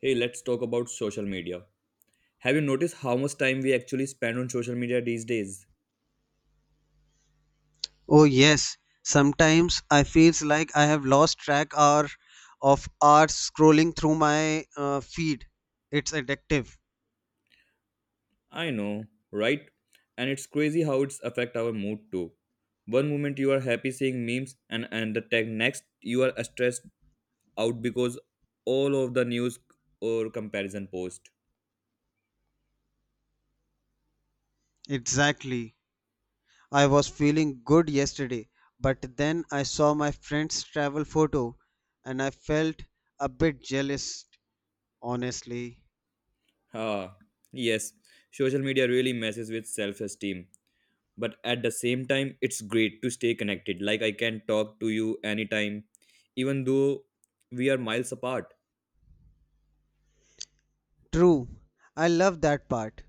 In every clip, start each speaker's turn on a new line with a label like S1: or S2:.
S1: Hey, let's talk about social media. Have you noticed how much time we actually spend on social media these days?
S2: Oh yes, sometimes I feels like I have lost track hour of hours scrolling through my feed. It's addictive.
S1: I know, right? And it's crazy how it's affect our mood too. One moment you are happy seeing memes and the tech next you are stressed out because all of the news or comparison post.
S2: Exactly. I was feeling good yesterday, but then I saw my friend's travel photo and I felt a bit jealous, honestly.
S1: Ah, yes, social media really messes with self-esteem. But at the same time, it's great to stay connected. Like I can talk to you anytime, even though we are miles apart.
S2: True. I love that part.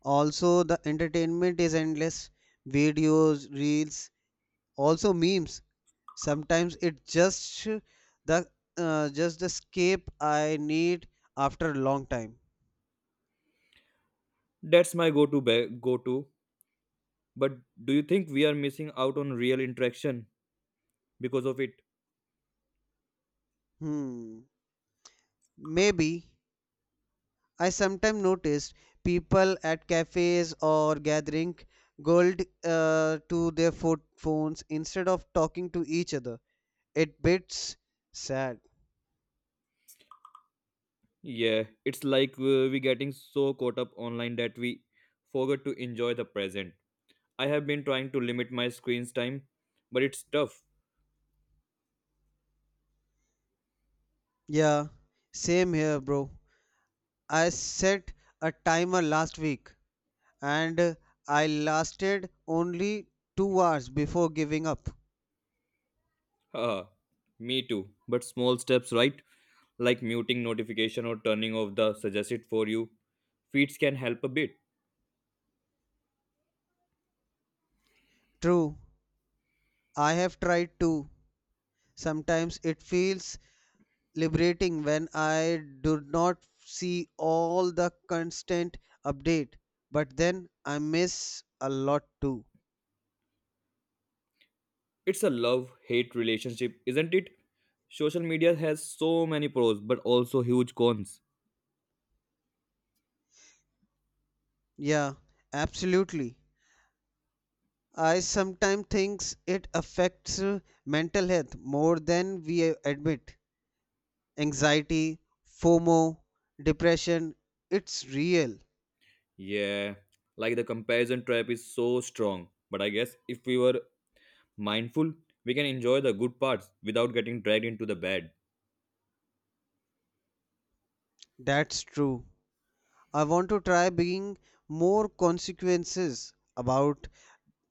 S2: Also, the entertainment is endless. Videos, reels, also memes. Sometimes it the just the escape I need after a long time.
S1: That's my go to ba- go to. But do you think we are missing out on real interaction because of it?
S2: Hmm. Maybe I sometimes noticed people at cafes or gathering gold to their phones instead of talking to each other. It bits sad.
S1: Yeah, it's like we getting so caught up online that we forget to enjoy the present. I have been trying to limit my screen's time, but it's tough.
S2: Yeah, same here, bro. I set a timer last week and I lasted only 2 hours before giving up.
S1: Haha, me too. But small steps, right? Like muting notification or turning off the suggested for you feeds can help a bit.
S2: True, I have tried too. Sometimes it feels liberating when I do not see all the constant update, but then I miss a lot too.
S1: It's a love hate relationship, isn't it? Social media has so many pros but also huge cons.
S2: Yeah, absolutely. I sometimes think it affects mental health more than we admit. Anxiety, FOMO, depression, it's real.
S1: Yeah, like the comparison trap is so strong. But I guess if we were mindful, we can enjoy the good parts without getting dragged into the bad.
S2: That's true. I want to try being more consequences about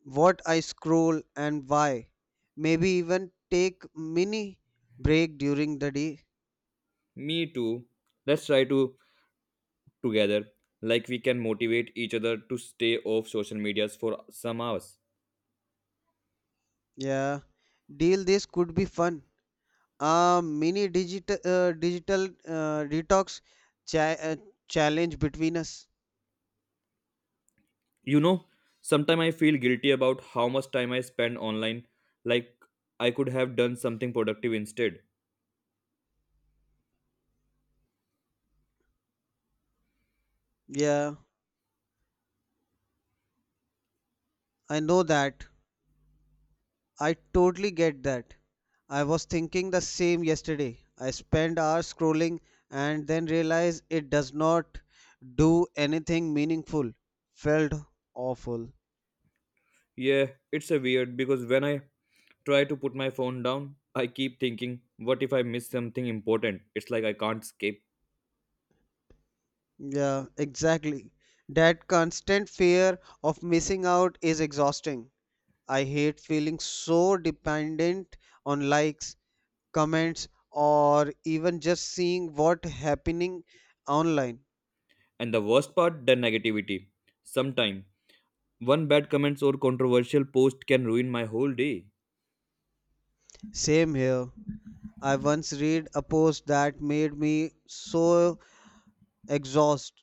S2: what I scroll and why. Maybe even take mini break during the day.
S1: Me too. Let's try to together, like we can motivate each other to stay off social medias for some hours.
S2: Yeah, deal this could be fun. A mini digital digital detox cha- uh, challenge between us.
S1: You know, sometimes I feel guilty about how much time I spend online, like I could have done something productive instead.
S2: Yeah, I know that. I totally get that. I was thinking the same yesterday. I spent hours scrolling and then realized it does not do anything meaningful. Felt awful.
S1: Yeah, it's a weird because when I try to put my phone down, I keep thinking, what if I miss something important? It's like I can't escape.
S2: Yeah, exactly. That constant fear of missing out is exhausting. I hate feeling so dependent on likes, comments, or even just seeing what happening online.
S1: And the worst part, the negativity. Sometime, one bad comment or controversial post can ruin my whole day.
S2: Same here. I once read a post that made me so exhausted.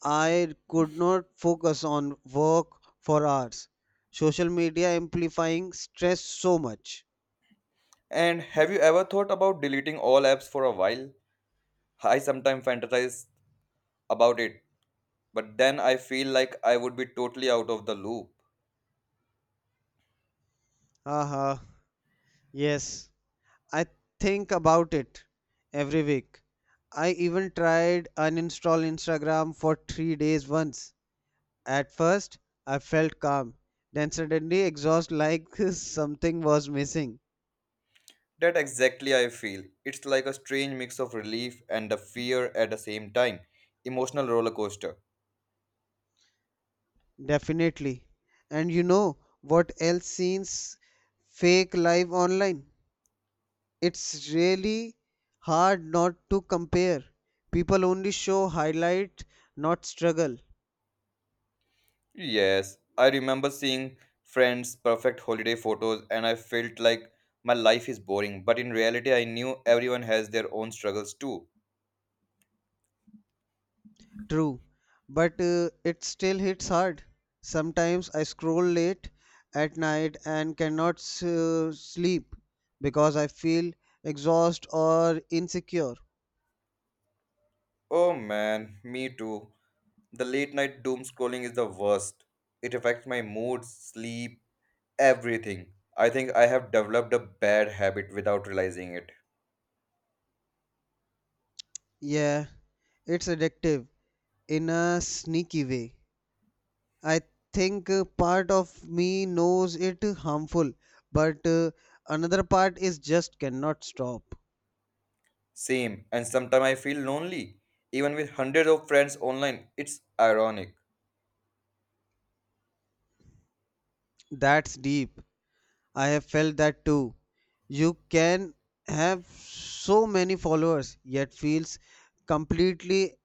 S2: I could not focus on work for hours. Social media amplifying stress so much.
S1: And have you ever thought about deleting all apps for a while? I sometimes fantasize about it, but then I feel like I would be totally out of the loop.
S2: Haha. Yes. I think about it every week. I even tried uninstall Instagram for 3 days once. At first, I felt calm, then suddenly exhaust like something was missing.
S1: That exactly I feel. It's like a strange mix of relief and the fear at the same time. Emotional roller coaster.
S2: Definitely. And you know what else seems fake live online? It's really hard not to compare. People only show highlight, not struggle.
S1: Yes, I remember seeing friends' perfect holiday photos, and I felt like my life is boring. But in reality, I knew everyone has their own struggles too.
S2: True, but it still hits hard. Sometimes I scroll late at night and cannot sleep because I feel exhausted or insecure.
S1: Oh man, me too. The late night doom scrolling is the worst. It affects my mood, sleep, everything. I think I have developed a bad habit without realizing it.
S2: Yeah, it's addictive in a sneaky way. I think part of me knows it harmful, but another part is just cannot stop.
S1: Same, and sometimes I feel lonely, even with hundreds of friends online. It's ironic.
S2: That's deep. I have felt that too. You can have so many followers yet feels completely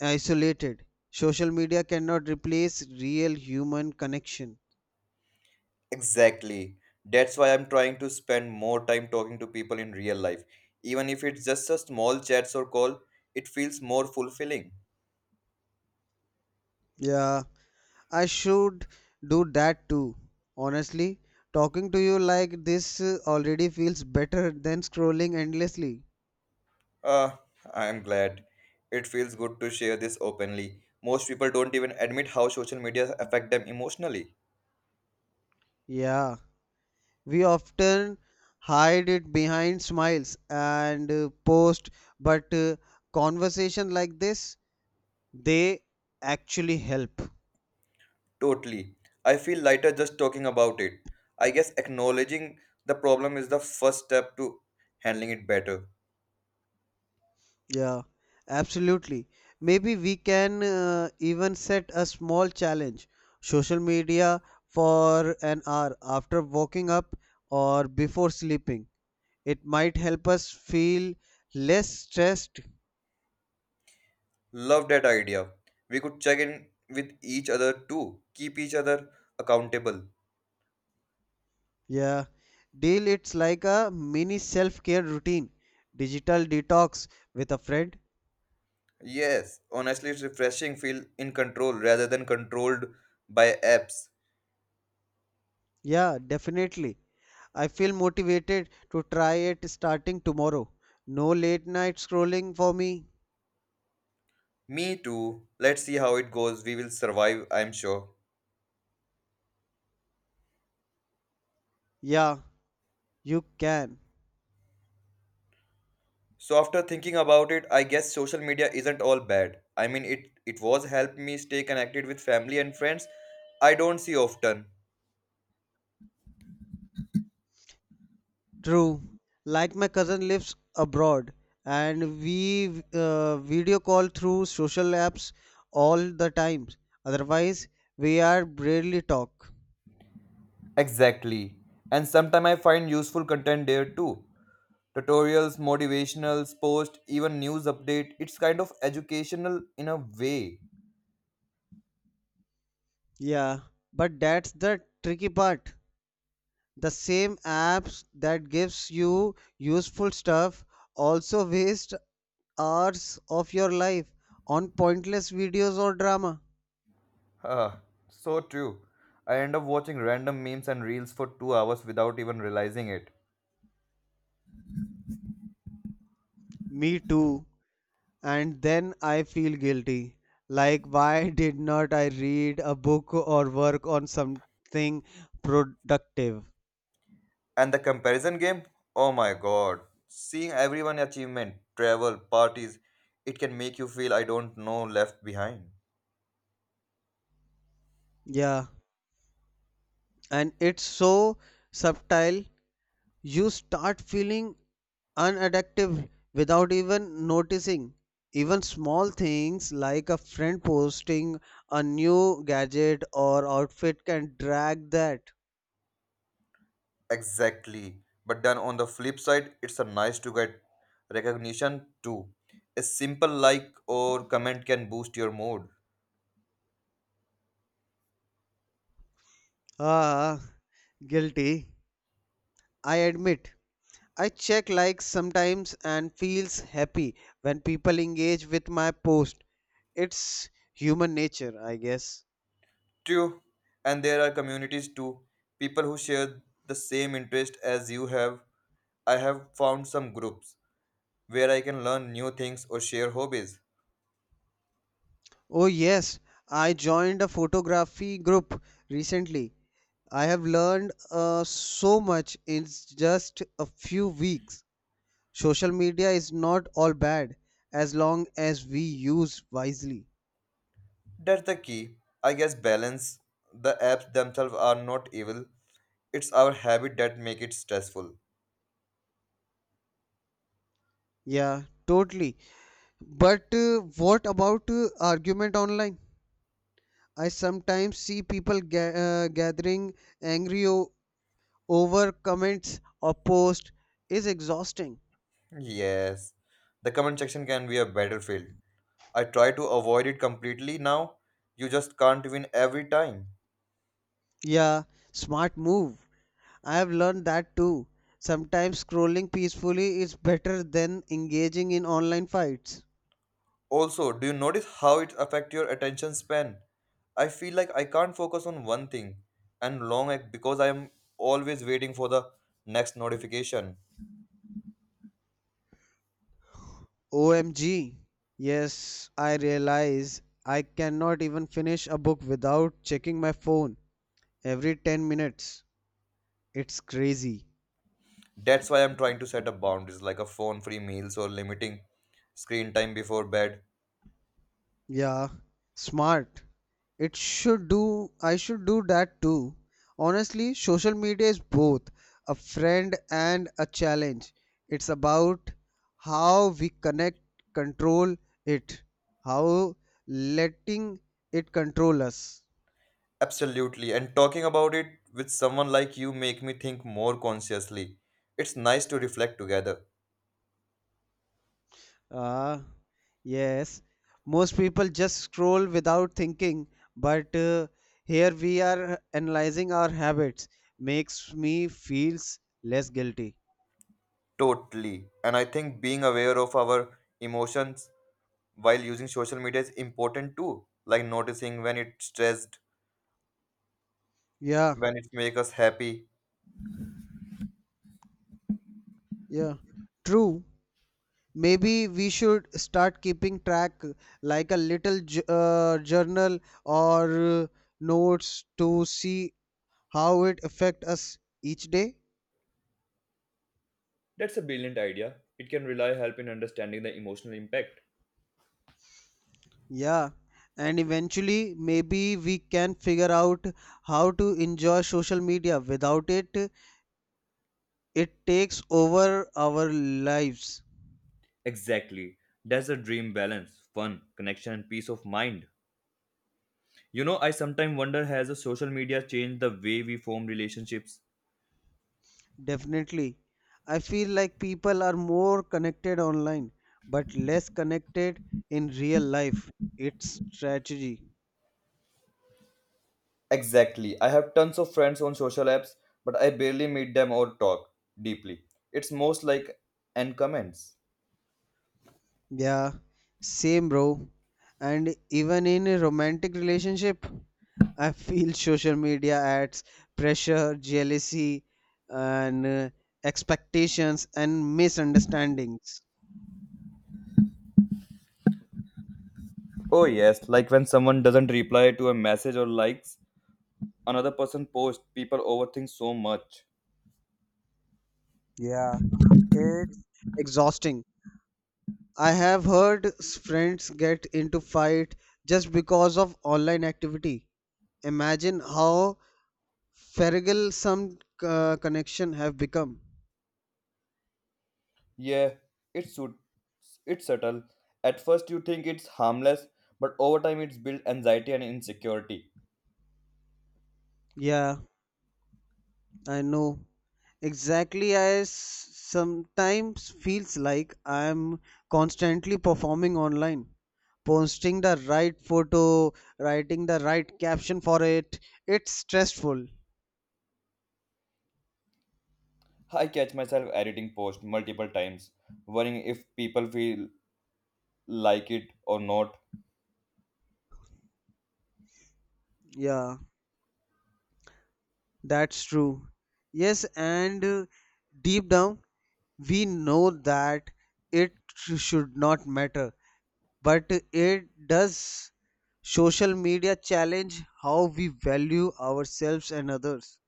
S2: isolated. Social media cannot replace real human connection.
S1: Exactly. That's why I'm trying to spend more time talking to people in real life. Even if it's just a small chats or call, it feels more fulfilling.
S2: Yeah, I should do that too. Honestly, talking to you like this already feels better than scrolling endlessly.
S1: Ah, I'm glad. It feels good to share this openly. Most people don't even admit how social media affect them emotionally.
S2: Yeah, we often hide it behind smiles and post, but conversation like this they actually help.
S1: Totally. I feel lighter just talking about it. I guess acknowledging the problem is the first step to handling it better.
S2: Yeah, absolutely. Maybe we can even set a small challenge social media for an hour after waking up or before sleeping. It might help us feel less stressed.
S1: Love that idea. We could check in with each other too, keep each other accountable.
S2: Yeah, deal it's like a mini self care routine, digital detox with a friend.
S1: Yes, honestly, it's refreshing. Feel in control rather than controlled by apps.
S2: Yeah, definitely. I feel motivated to try it starting tomorrow. No late night scrolling for me.
S1: Me too. Let's see how it goes. We will survive, I'm sure.
S2: Yeah, you can.
S1: So after thinking about it, I guess social media isn't all bad. I mean, it was helped me stay connected with family and friends I don't see often.
S2: True. Like my cousin lives abroad and we video call through social apps all the time. Otherwise, we are barely talk.
S1: Exactly. And sometimes I find useful content there too. Tutorials, motivationals, post, even news update. It's kind of educational in a way.
S2: Yeah, but that's the tricky part. The same apps that gives you useful stuff also waste hours of your life on pointless videos or drama.
S1: Ah, so true. I end up watching random memes and reels for 2 hours without even realizing it.
S2: Me too. And then I feel guilty. Like, why did not I read a book or work on something productive?
S1: And the comparison game? Oh my god. Seeing everyone achievement, travel, parties, it can make you feel I don't know left behind.
S2: Yeah, and it's so subtle, you start feeling unadaptive without even noticing. Even small things like a friend posting a new gadget or outfit can drag that.
S1: Exactly. But then on the flip side, it's a nice to get recognition too. A simple like or comment can boost your mood.
S2: Ah, guilty. I admit. I check likes sometimes and feels happy when people engage with my post. It's human nature, I guess.
S1: True, and there are communities too, people who share the same interest as you have. I have found some groups where I can learn new things or share hobbies.
S2: Oh yes, I joined a photography group recently. I have learned so much in just a few weeks. Social media is not all bad as long as we use wisely.
S1: That's the key. I guess balance. The apps themselves are not evil. It's our habit that make it stressful.
S2: Yeah, totally. But what about argument online? I sometimes see people gathering angry over comments or posts is exhausting.
S1: Yes. The comment section can be a battlefield. I try to avoid it completely now. You just can't win every time.
S2: Yeah, smart move. I have learned that too. Sometimes scrolling peacefully is better than engaging in online fights.
S1: Also, do you notice how it affects your attention span? I feel like I can't focus on one thing and long act because I am always waiting for the next notification.
S2: OMG. Yes, I realize I cannot even finish a book without checking my phone every 10 minutes. It's crazy.
S1: That's why I'm trying to set up boundaries like a phone free meals or limiting screen time before bed.
S2: Yeah, smart. It should do, I should do that too. Honestly, social media is both a friend and a challenge. It's about how we connect, control it, how letting it control us.
S1: Absolutely. And talking about it with someone like you make me think more consciously. It's nice to reflect together.
S2: Ah, yes. Most people just scroll without thinking, but here we are analyzing our habits. Makes me feels less guilty.
S1: Totally. And I think being aware of our emotions while using social media is important too, like noticing when it's stressed,
S2: Yeah.
S1: when it makes us happy.
S2: Yeah, true. Maybe we should start keeping track, like a little journal or notes to see how it affect us each day.
S1: That's a brilliant idea. It can really help in understanding the emotional impact.
S2: Yeah, and eventually maybe we can figure out how to enjoy social media without it. It takes over our lives.
S1: Exactly. That's a dream balance, fun, connection, and peace of mind. You know, I sometimes wonder has the social media changed the way we form relationships?
S2: Definitely. I feel like people are more connected online, but less connected in real life. It's tragedy.
S1: Exactly, I have tons of friends on social apps, but I barely meet them or talk deeply. It's most like and comments.
S2: Yeah, same, bro. And even in a romantic relationship, I feel social media adds pressure, jealousy, and expectations and misunderstandings.
S1: Oh yes, like when someone doesn't reply to a message or likes another person post, people overthink so much.
S2: Yeah, it's exhausting. I have heard friends get into fight just because of online activity. Imagine how fragile some connection have become.
S1: Yeah, it's su- it's subtle. At first you think it's harmless, but over time it's built anxiety and insecurity.
S2: Yeah, I know. Exactly, I sometimes feels like I am constantly performing online, posting the right photo, writing the right caption for it. It's stressful.
S1: I catch myself editing posts multiple times, worrying if people feel like it or not.
S2: Yeah, that's true. Yes, and deep down we know that it should not matter but it does, social media challenge how we value ourselves and others.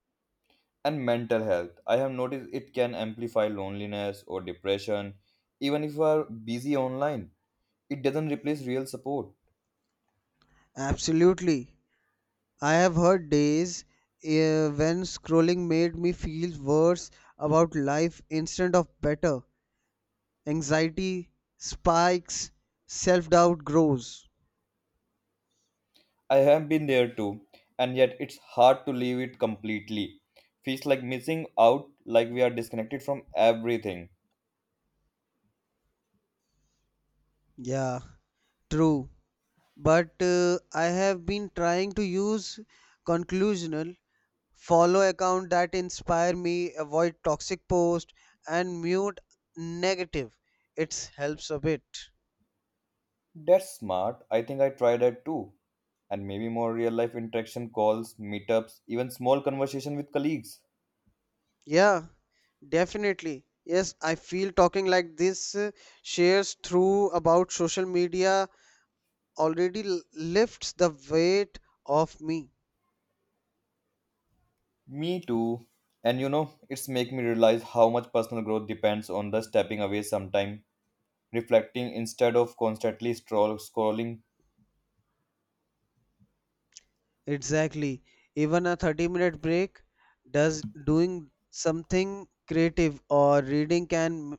S1: And mental health, I have noticed it can amplify loneliness or depression, even if you are busy online, it doesn't replace real support.
S2: Absolutely, I have heard days when scrolling made me feel worse about life instead of better. Anxiety spikes, self-doubt grows.
S1: I have been there too, and yet it's hard to leave it completely. Feels like missing out, like we are disconnected from everything.
S2: Yeah, true, but I have been trying to use conclusional follow account that inspire me, avoid toxic post, and mute negative. It helps a bit.
S1: That's smart. I think I try that too. And maybe more real life interaction, calls, meetups, even small conversation with colleagues.
S2: Yeah, definitely. Yes, I feel talking like this shares through about social media already lifts the weight off me.
S1: Me too. And you know, it's make me realize how much personal growth depends on the stepping away sometime, reflecting instead of constantly stroll scrolling.
S2: Exactly, even a 30-minute break does doing something creative or reading can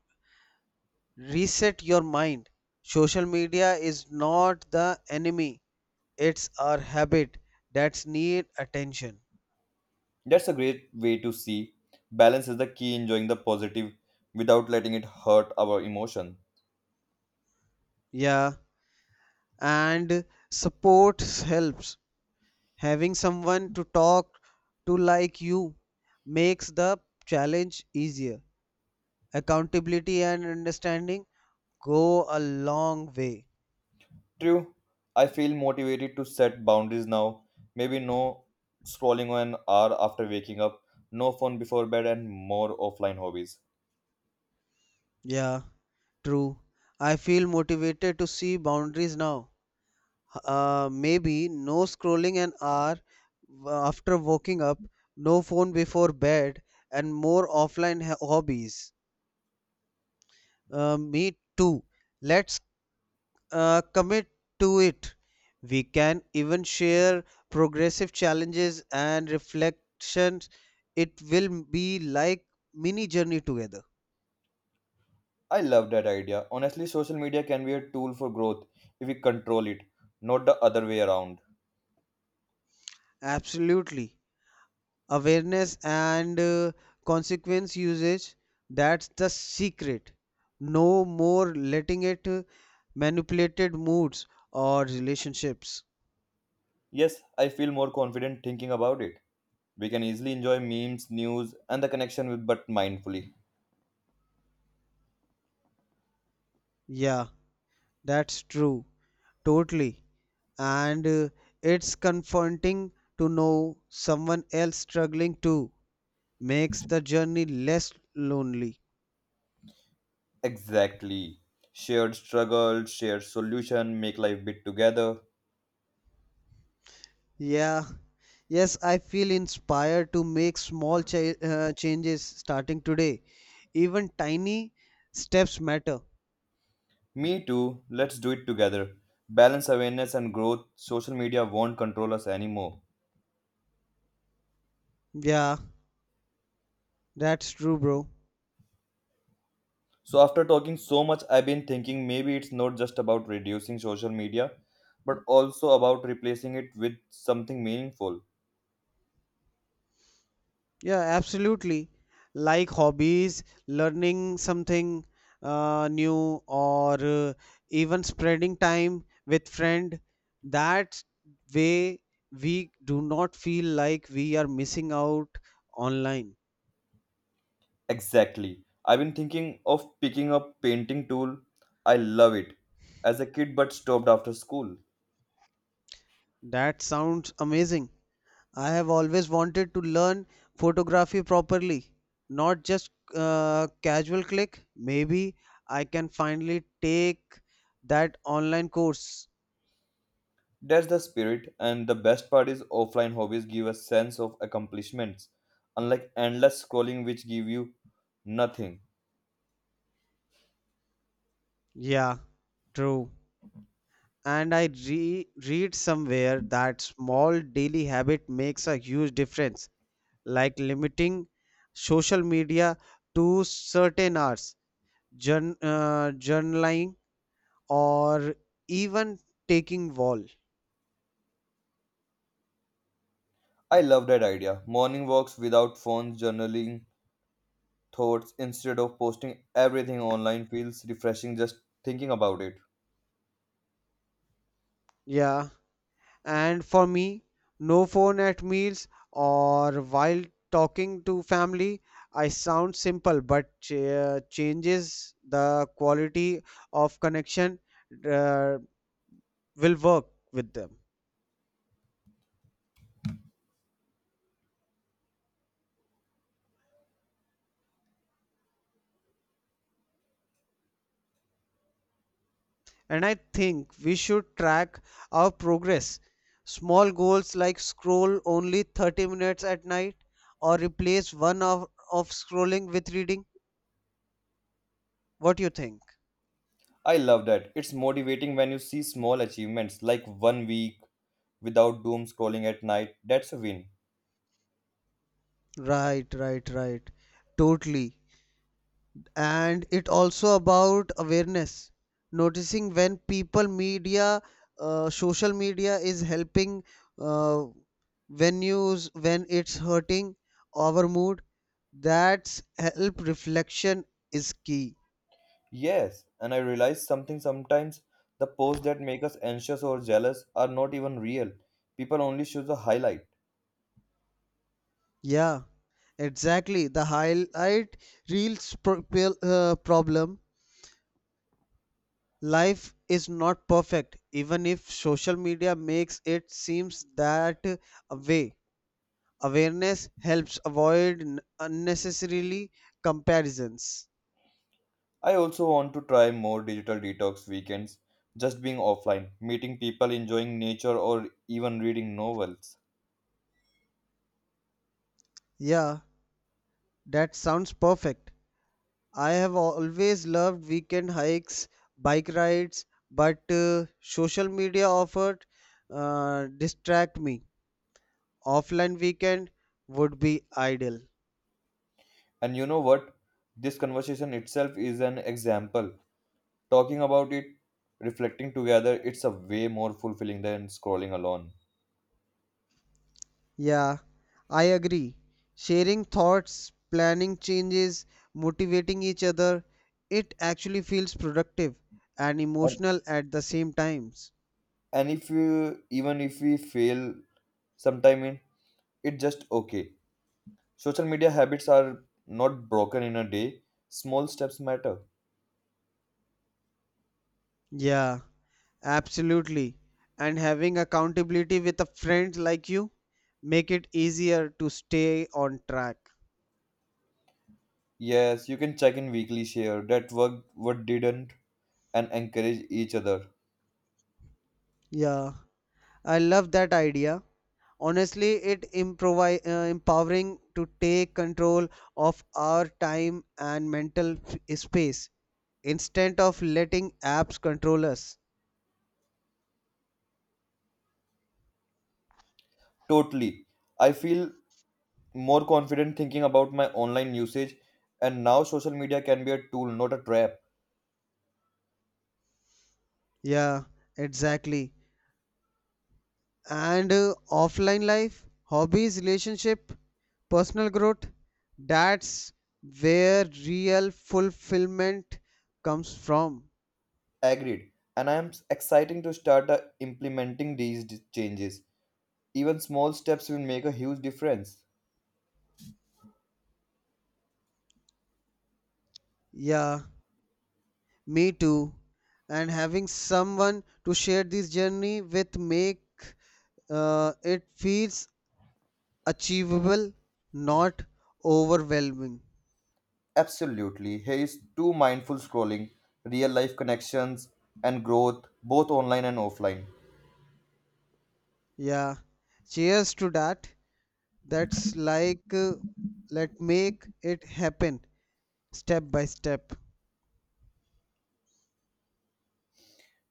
S2: reset your mind. Social media is not the enemy, it's our habit that need attention.
S1: That's a great way to see. Balance is the key, enjoying the positive without letting it hurt our emotion.
S2: Yeah, and support helps. Having someone to talk to like you makes the challenge easier. Accountability and understanding go a long way.
S1: True, I feel motivated to set boundaries now. Maybe no scrolling on an hour after waking up, no phone before bed, and more offline hobbies.
S2: Yeah, true. I feel motivated to see boundaries now. Maybe no scrolling an hour after waking up, no phone before bed, and more offline hobbies. Me too. Let's commit to it. We can even share progressive challenges and reflections. It will be like mini journey together.
S1: I love that idea. Honestly, social media can be a tool for growth if we control it, not the other way around.
S2: Absolutely. Awareness and consequence usage, that's the secret. No more letting it manipulated moods or relationships.
S1: Yes, I feel more confident thinking about it. We can easily enjoy memes, news, and the connection with but mindfully.
S2: Yeah, that's true, totally. And it's confronting to know someone else struggling too, makes the journey less lonely.
S1: Exactly. Shared struggle, shared solution, make life bit together.
S2: Yeah, yes, I feel inspired to make small changes starting today. Even tiny steps matter.
S1: Me too. Let's do it together. Balance awareness and growth. Social media won't control us anymore.
S2: Yeah, that's true, bro.
S1: So after talking so much, I've been thinking maybe it's not just about reducing social media, but also about replacing it with something meaningful.
S2: Yeah, absolutely. Like hobbies, learning something new, or even spreading time with friend, that way we do not feel like we are missing out online.
S1: Exactly. I've been thinking of picking up painting tool. I love it. As a kid but stopped after school.
S2: That sounds amazing. I have always wanted to learn photography properly, not just casual click. Maybe I can finally take that online course.
S1: That's the spirit, and the best part is offline hobbies give a sense of accomplishments, unlike endless scrolling which give you nothing.
S2: Yeah, true. And I read somewhere that small daily habit makes a huge difference, like limiting social media to certain hours, journaling, or even taking wall.
S1: I love that idea. Morning walks without phones, journaling thoughts instead of posting everything online feels refreshing just thinking about it.
S2: Yeah. And for me, no phone at meals or while talking to family. I sound simple, but changes the quality of connection uh, will work with them. And I think we should track our progress. Small goals like scroll only 30 minutes at night or replace 1 hour of scrolling with reading. What do you think?
S1: I love that. It's motivating when you see small achievements like one week without doom scrolling at night. That's a win.
S2: Right, right, right. Totally. And it also about awareness, noticing when people media social media is helping uh, when news, when it's hurting our mood. That's help, reflection is key.
S1: Yes, and I realized something sometimes the posts that make us anxious or jealous are not even real. People only show the highlight.
S2: Yeah, exactly. The highlight reels problem, life is not perfect even if social media makes it seems that way. Awareness helps avoid unnecessarily comparisons.
S1: I also want to try more digital detox weekends, just being offline, meeting people, enjoying nature, or even reading novels.
S2: Yeah, that sounds perfect. I have always loved weekend hikes, bike rides, but social media offered distract me. Offline weekend would be ideal.
S1: And you know what? This conversation itself is an example. Talking about it, reflecting together, it's a way more fulfilling than scrolling alone.
S2: Yeah, I agree. Sharing thoughts, planning changes, motivating each other, it actually feels productive and
S1: And,
S2: emotional at the same times.
S1: and if you, even if we fail sometime in, it's just okay. Social media habits are not broken in a day. Small steps matter.
S2: Yeah, absolutely. And having accountability with a friend like you make it easier to stay on track.
S1: Yes, you can check in weekly, share that worked, what didn't, and encourage each other.
S2: Yeah, I love that idea. Honestly, it empowering to take control of our time and mental space instead of letting apps control us.
S1: Totally. I feel more confident thinking about my online usage, and now social media can be a tool, not a trap.
S2: Yeah, exactly. And offline life, hobbies, relationship, personal growth. That's where real fulfillment comes from.
S1: Agreed. And I am exciting to start implementing these changes. Even small steps will make a huge difference.
S2: Yeah, me too. And having someone to share this journey with make it feels achievable, not overwhelming.
S1: Absolutely. He is too mindful scrolling, real life connections, and growth, both online and offline.
S2: Yeah, cheers to that. That's like let make it happen step by step.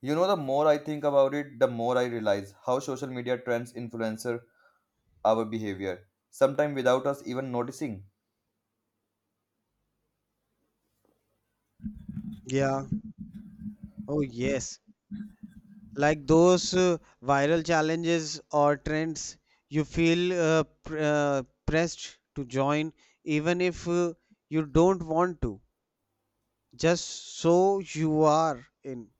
S1: You know, the more I think about it, the more I realize how social media trends influence our behavior, sometimes without us even noticing.
S2: Yeah. Oh, yes. Like those viral challenges or trends, you feel pr pressed to join, even if you don't want to, just so you are in.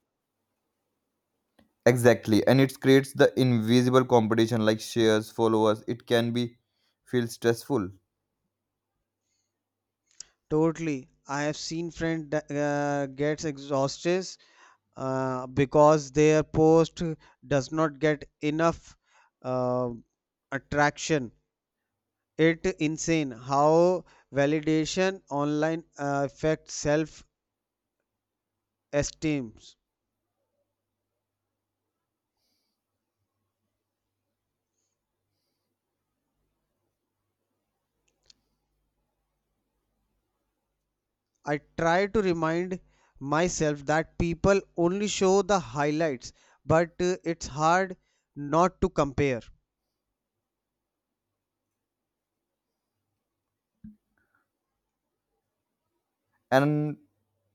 S1: Exactly, and it creates the invisible competition like shares, followers. It can be feel stressful.
S2: Totally. I have seen friend gets exhausted because their post does not get enough uh, attraction. It insane how validation online affects self esteems. I try to remind myself that people only show the highlights, but it's hard not to compare.
S1: And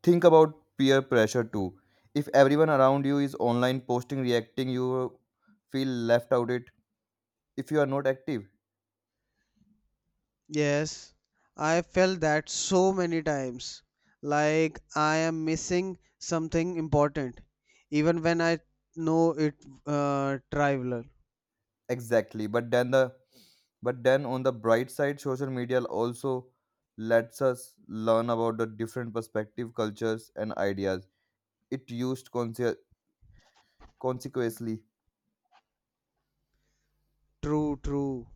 S1: think about peer pressure too. If everyone around you is online posting, reacting, you feel left out. It. If you are not active,
S2: Yes, I felt that so many times, like I am missing something important, even when I know it trivial.
S1: exactly, but then the, but then on the bright side, social media also lets us learn about the different perspective cultures and ideas. it used conse- Consequently,
S2: True, true.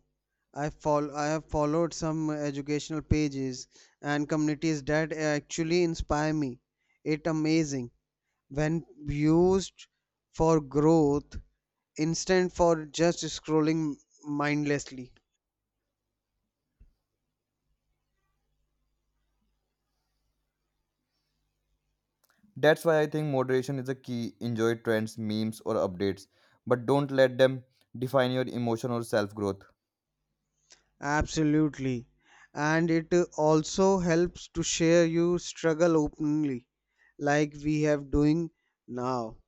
S2: I have followed some educational pages and communities that actually inspire me. It amazing when used for growth instead for just scrolling mindlessly.
S1: that's why I think moderation is a key. Enjoy trends memes or updates, but don't let them define your emotion or self growth.
S2: Absolutely, and it also helps to share your struggle openly, like we have doing now.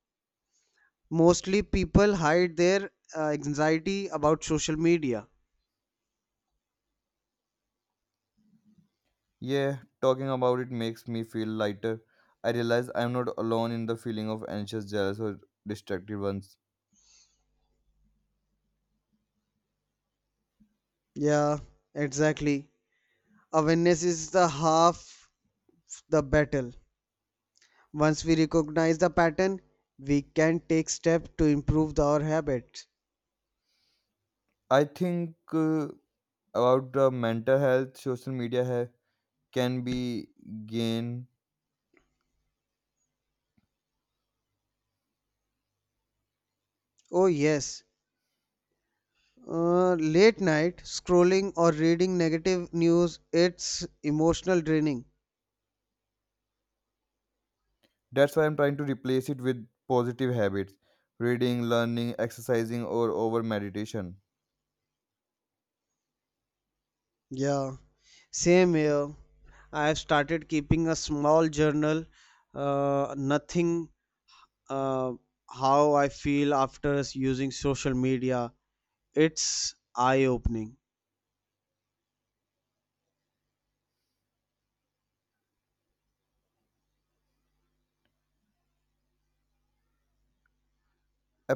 S2: Mostly people hide their anxiety about social media.
S1: Yeah, talking about it makes me feel lighter. I realize I'm not alone in the feeling of anxious, jealous, or distracted ones.
S2: Yeah, exactly. Awareness is the half the battle. Once we recognize the pattern, we can take steps to improve our habits.
S1: I think about the mental health, can be gain.
S2: Oh, yes. Late night scrolling or reading negative news, it's emotional draining.
S1: That's why I'm trying to replace it with positive habits, reading, learning, exercising, or over meditation.
S2: Yeah, same here. I have started keeping a small journal, nothing uh, how I feel after using social media. It's eye opening.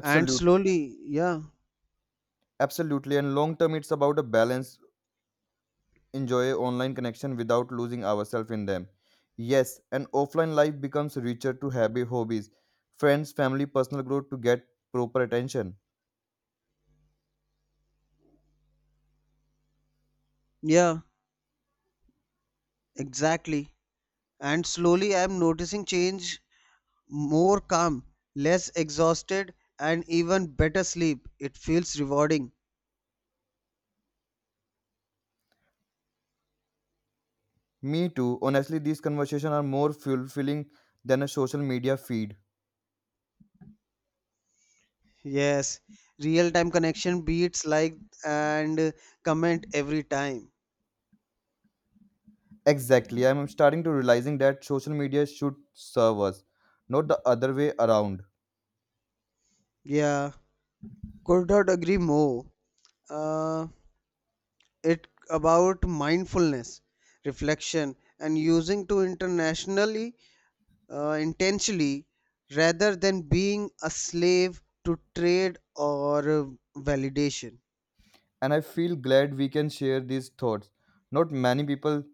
S2: And slowly, yeah,
S1: Absolutely. And long term, it's about a balance, enjoy online connection without losing ourselves in them. Yes, and offline life becomes richer to happy hobbies, friends, family, personal growth to get proper attention.
S2: yeah, exactly. And slowly, I'm noticing change, more calm, less exhausted, and even better sleep. It feels rewarding.
S1: Me too. Honestly, these conversations are more fulfilling than a social media feed.
S2: Yes, real time connection beats like and comment every time.
S1: Exactly. I'm starting to realizing that social media should serve us, not the other way around.
S2: Yeah, could not agree more. Uh, it about mindfulness, reflection, and using to internationally intentionally rather than being a slave to trade or validation.
S1: And I feel glad we can share these thoughts. Not many people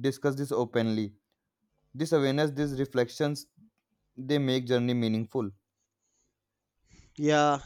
S1: discuss this openly. This awareness, these reflections, they make journey meaningful.
S2: Yeah,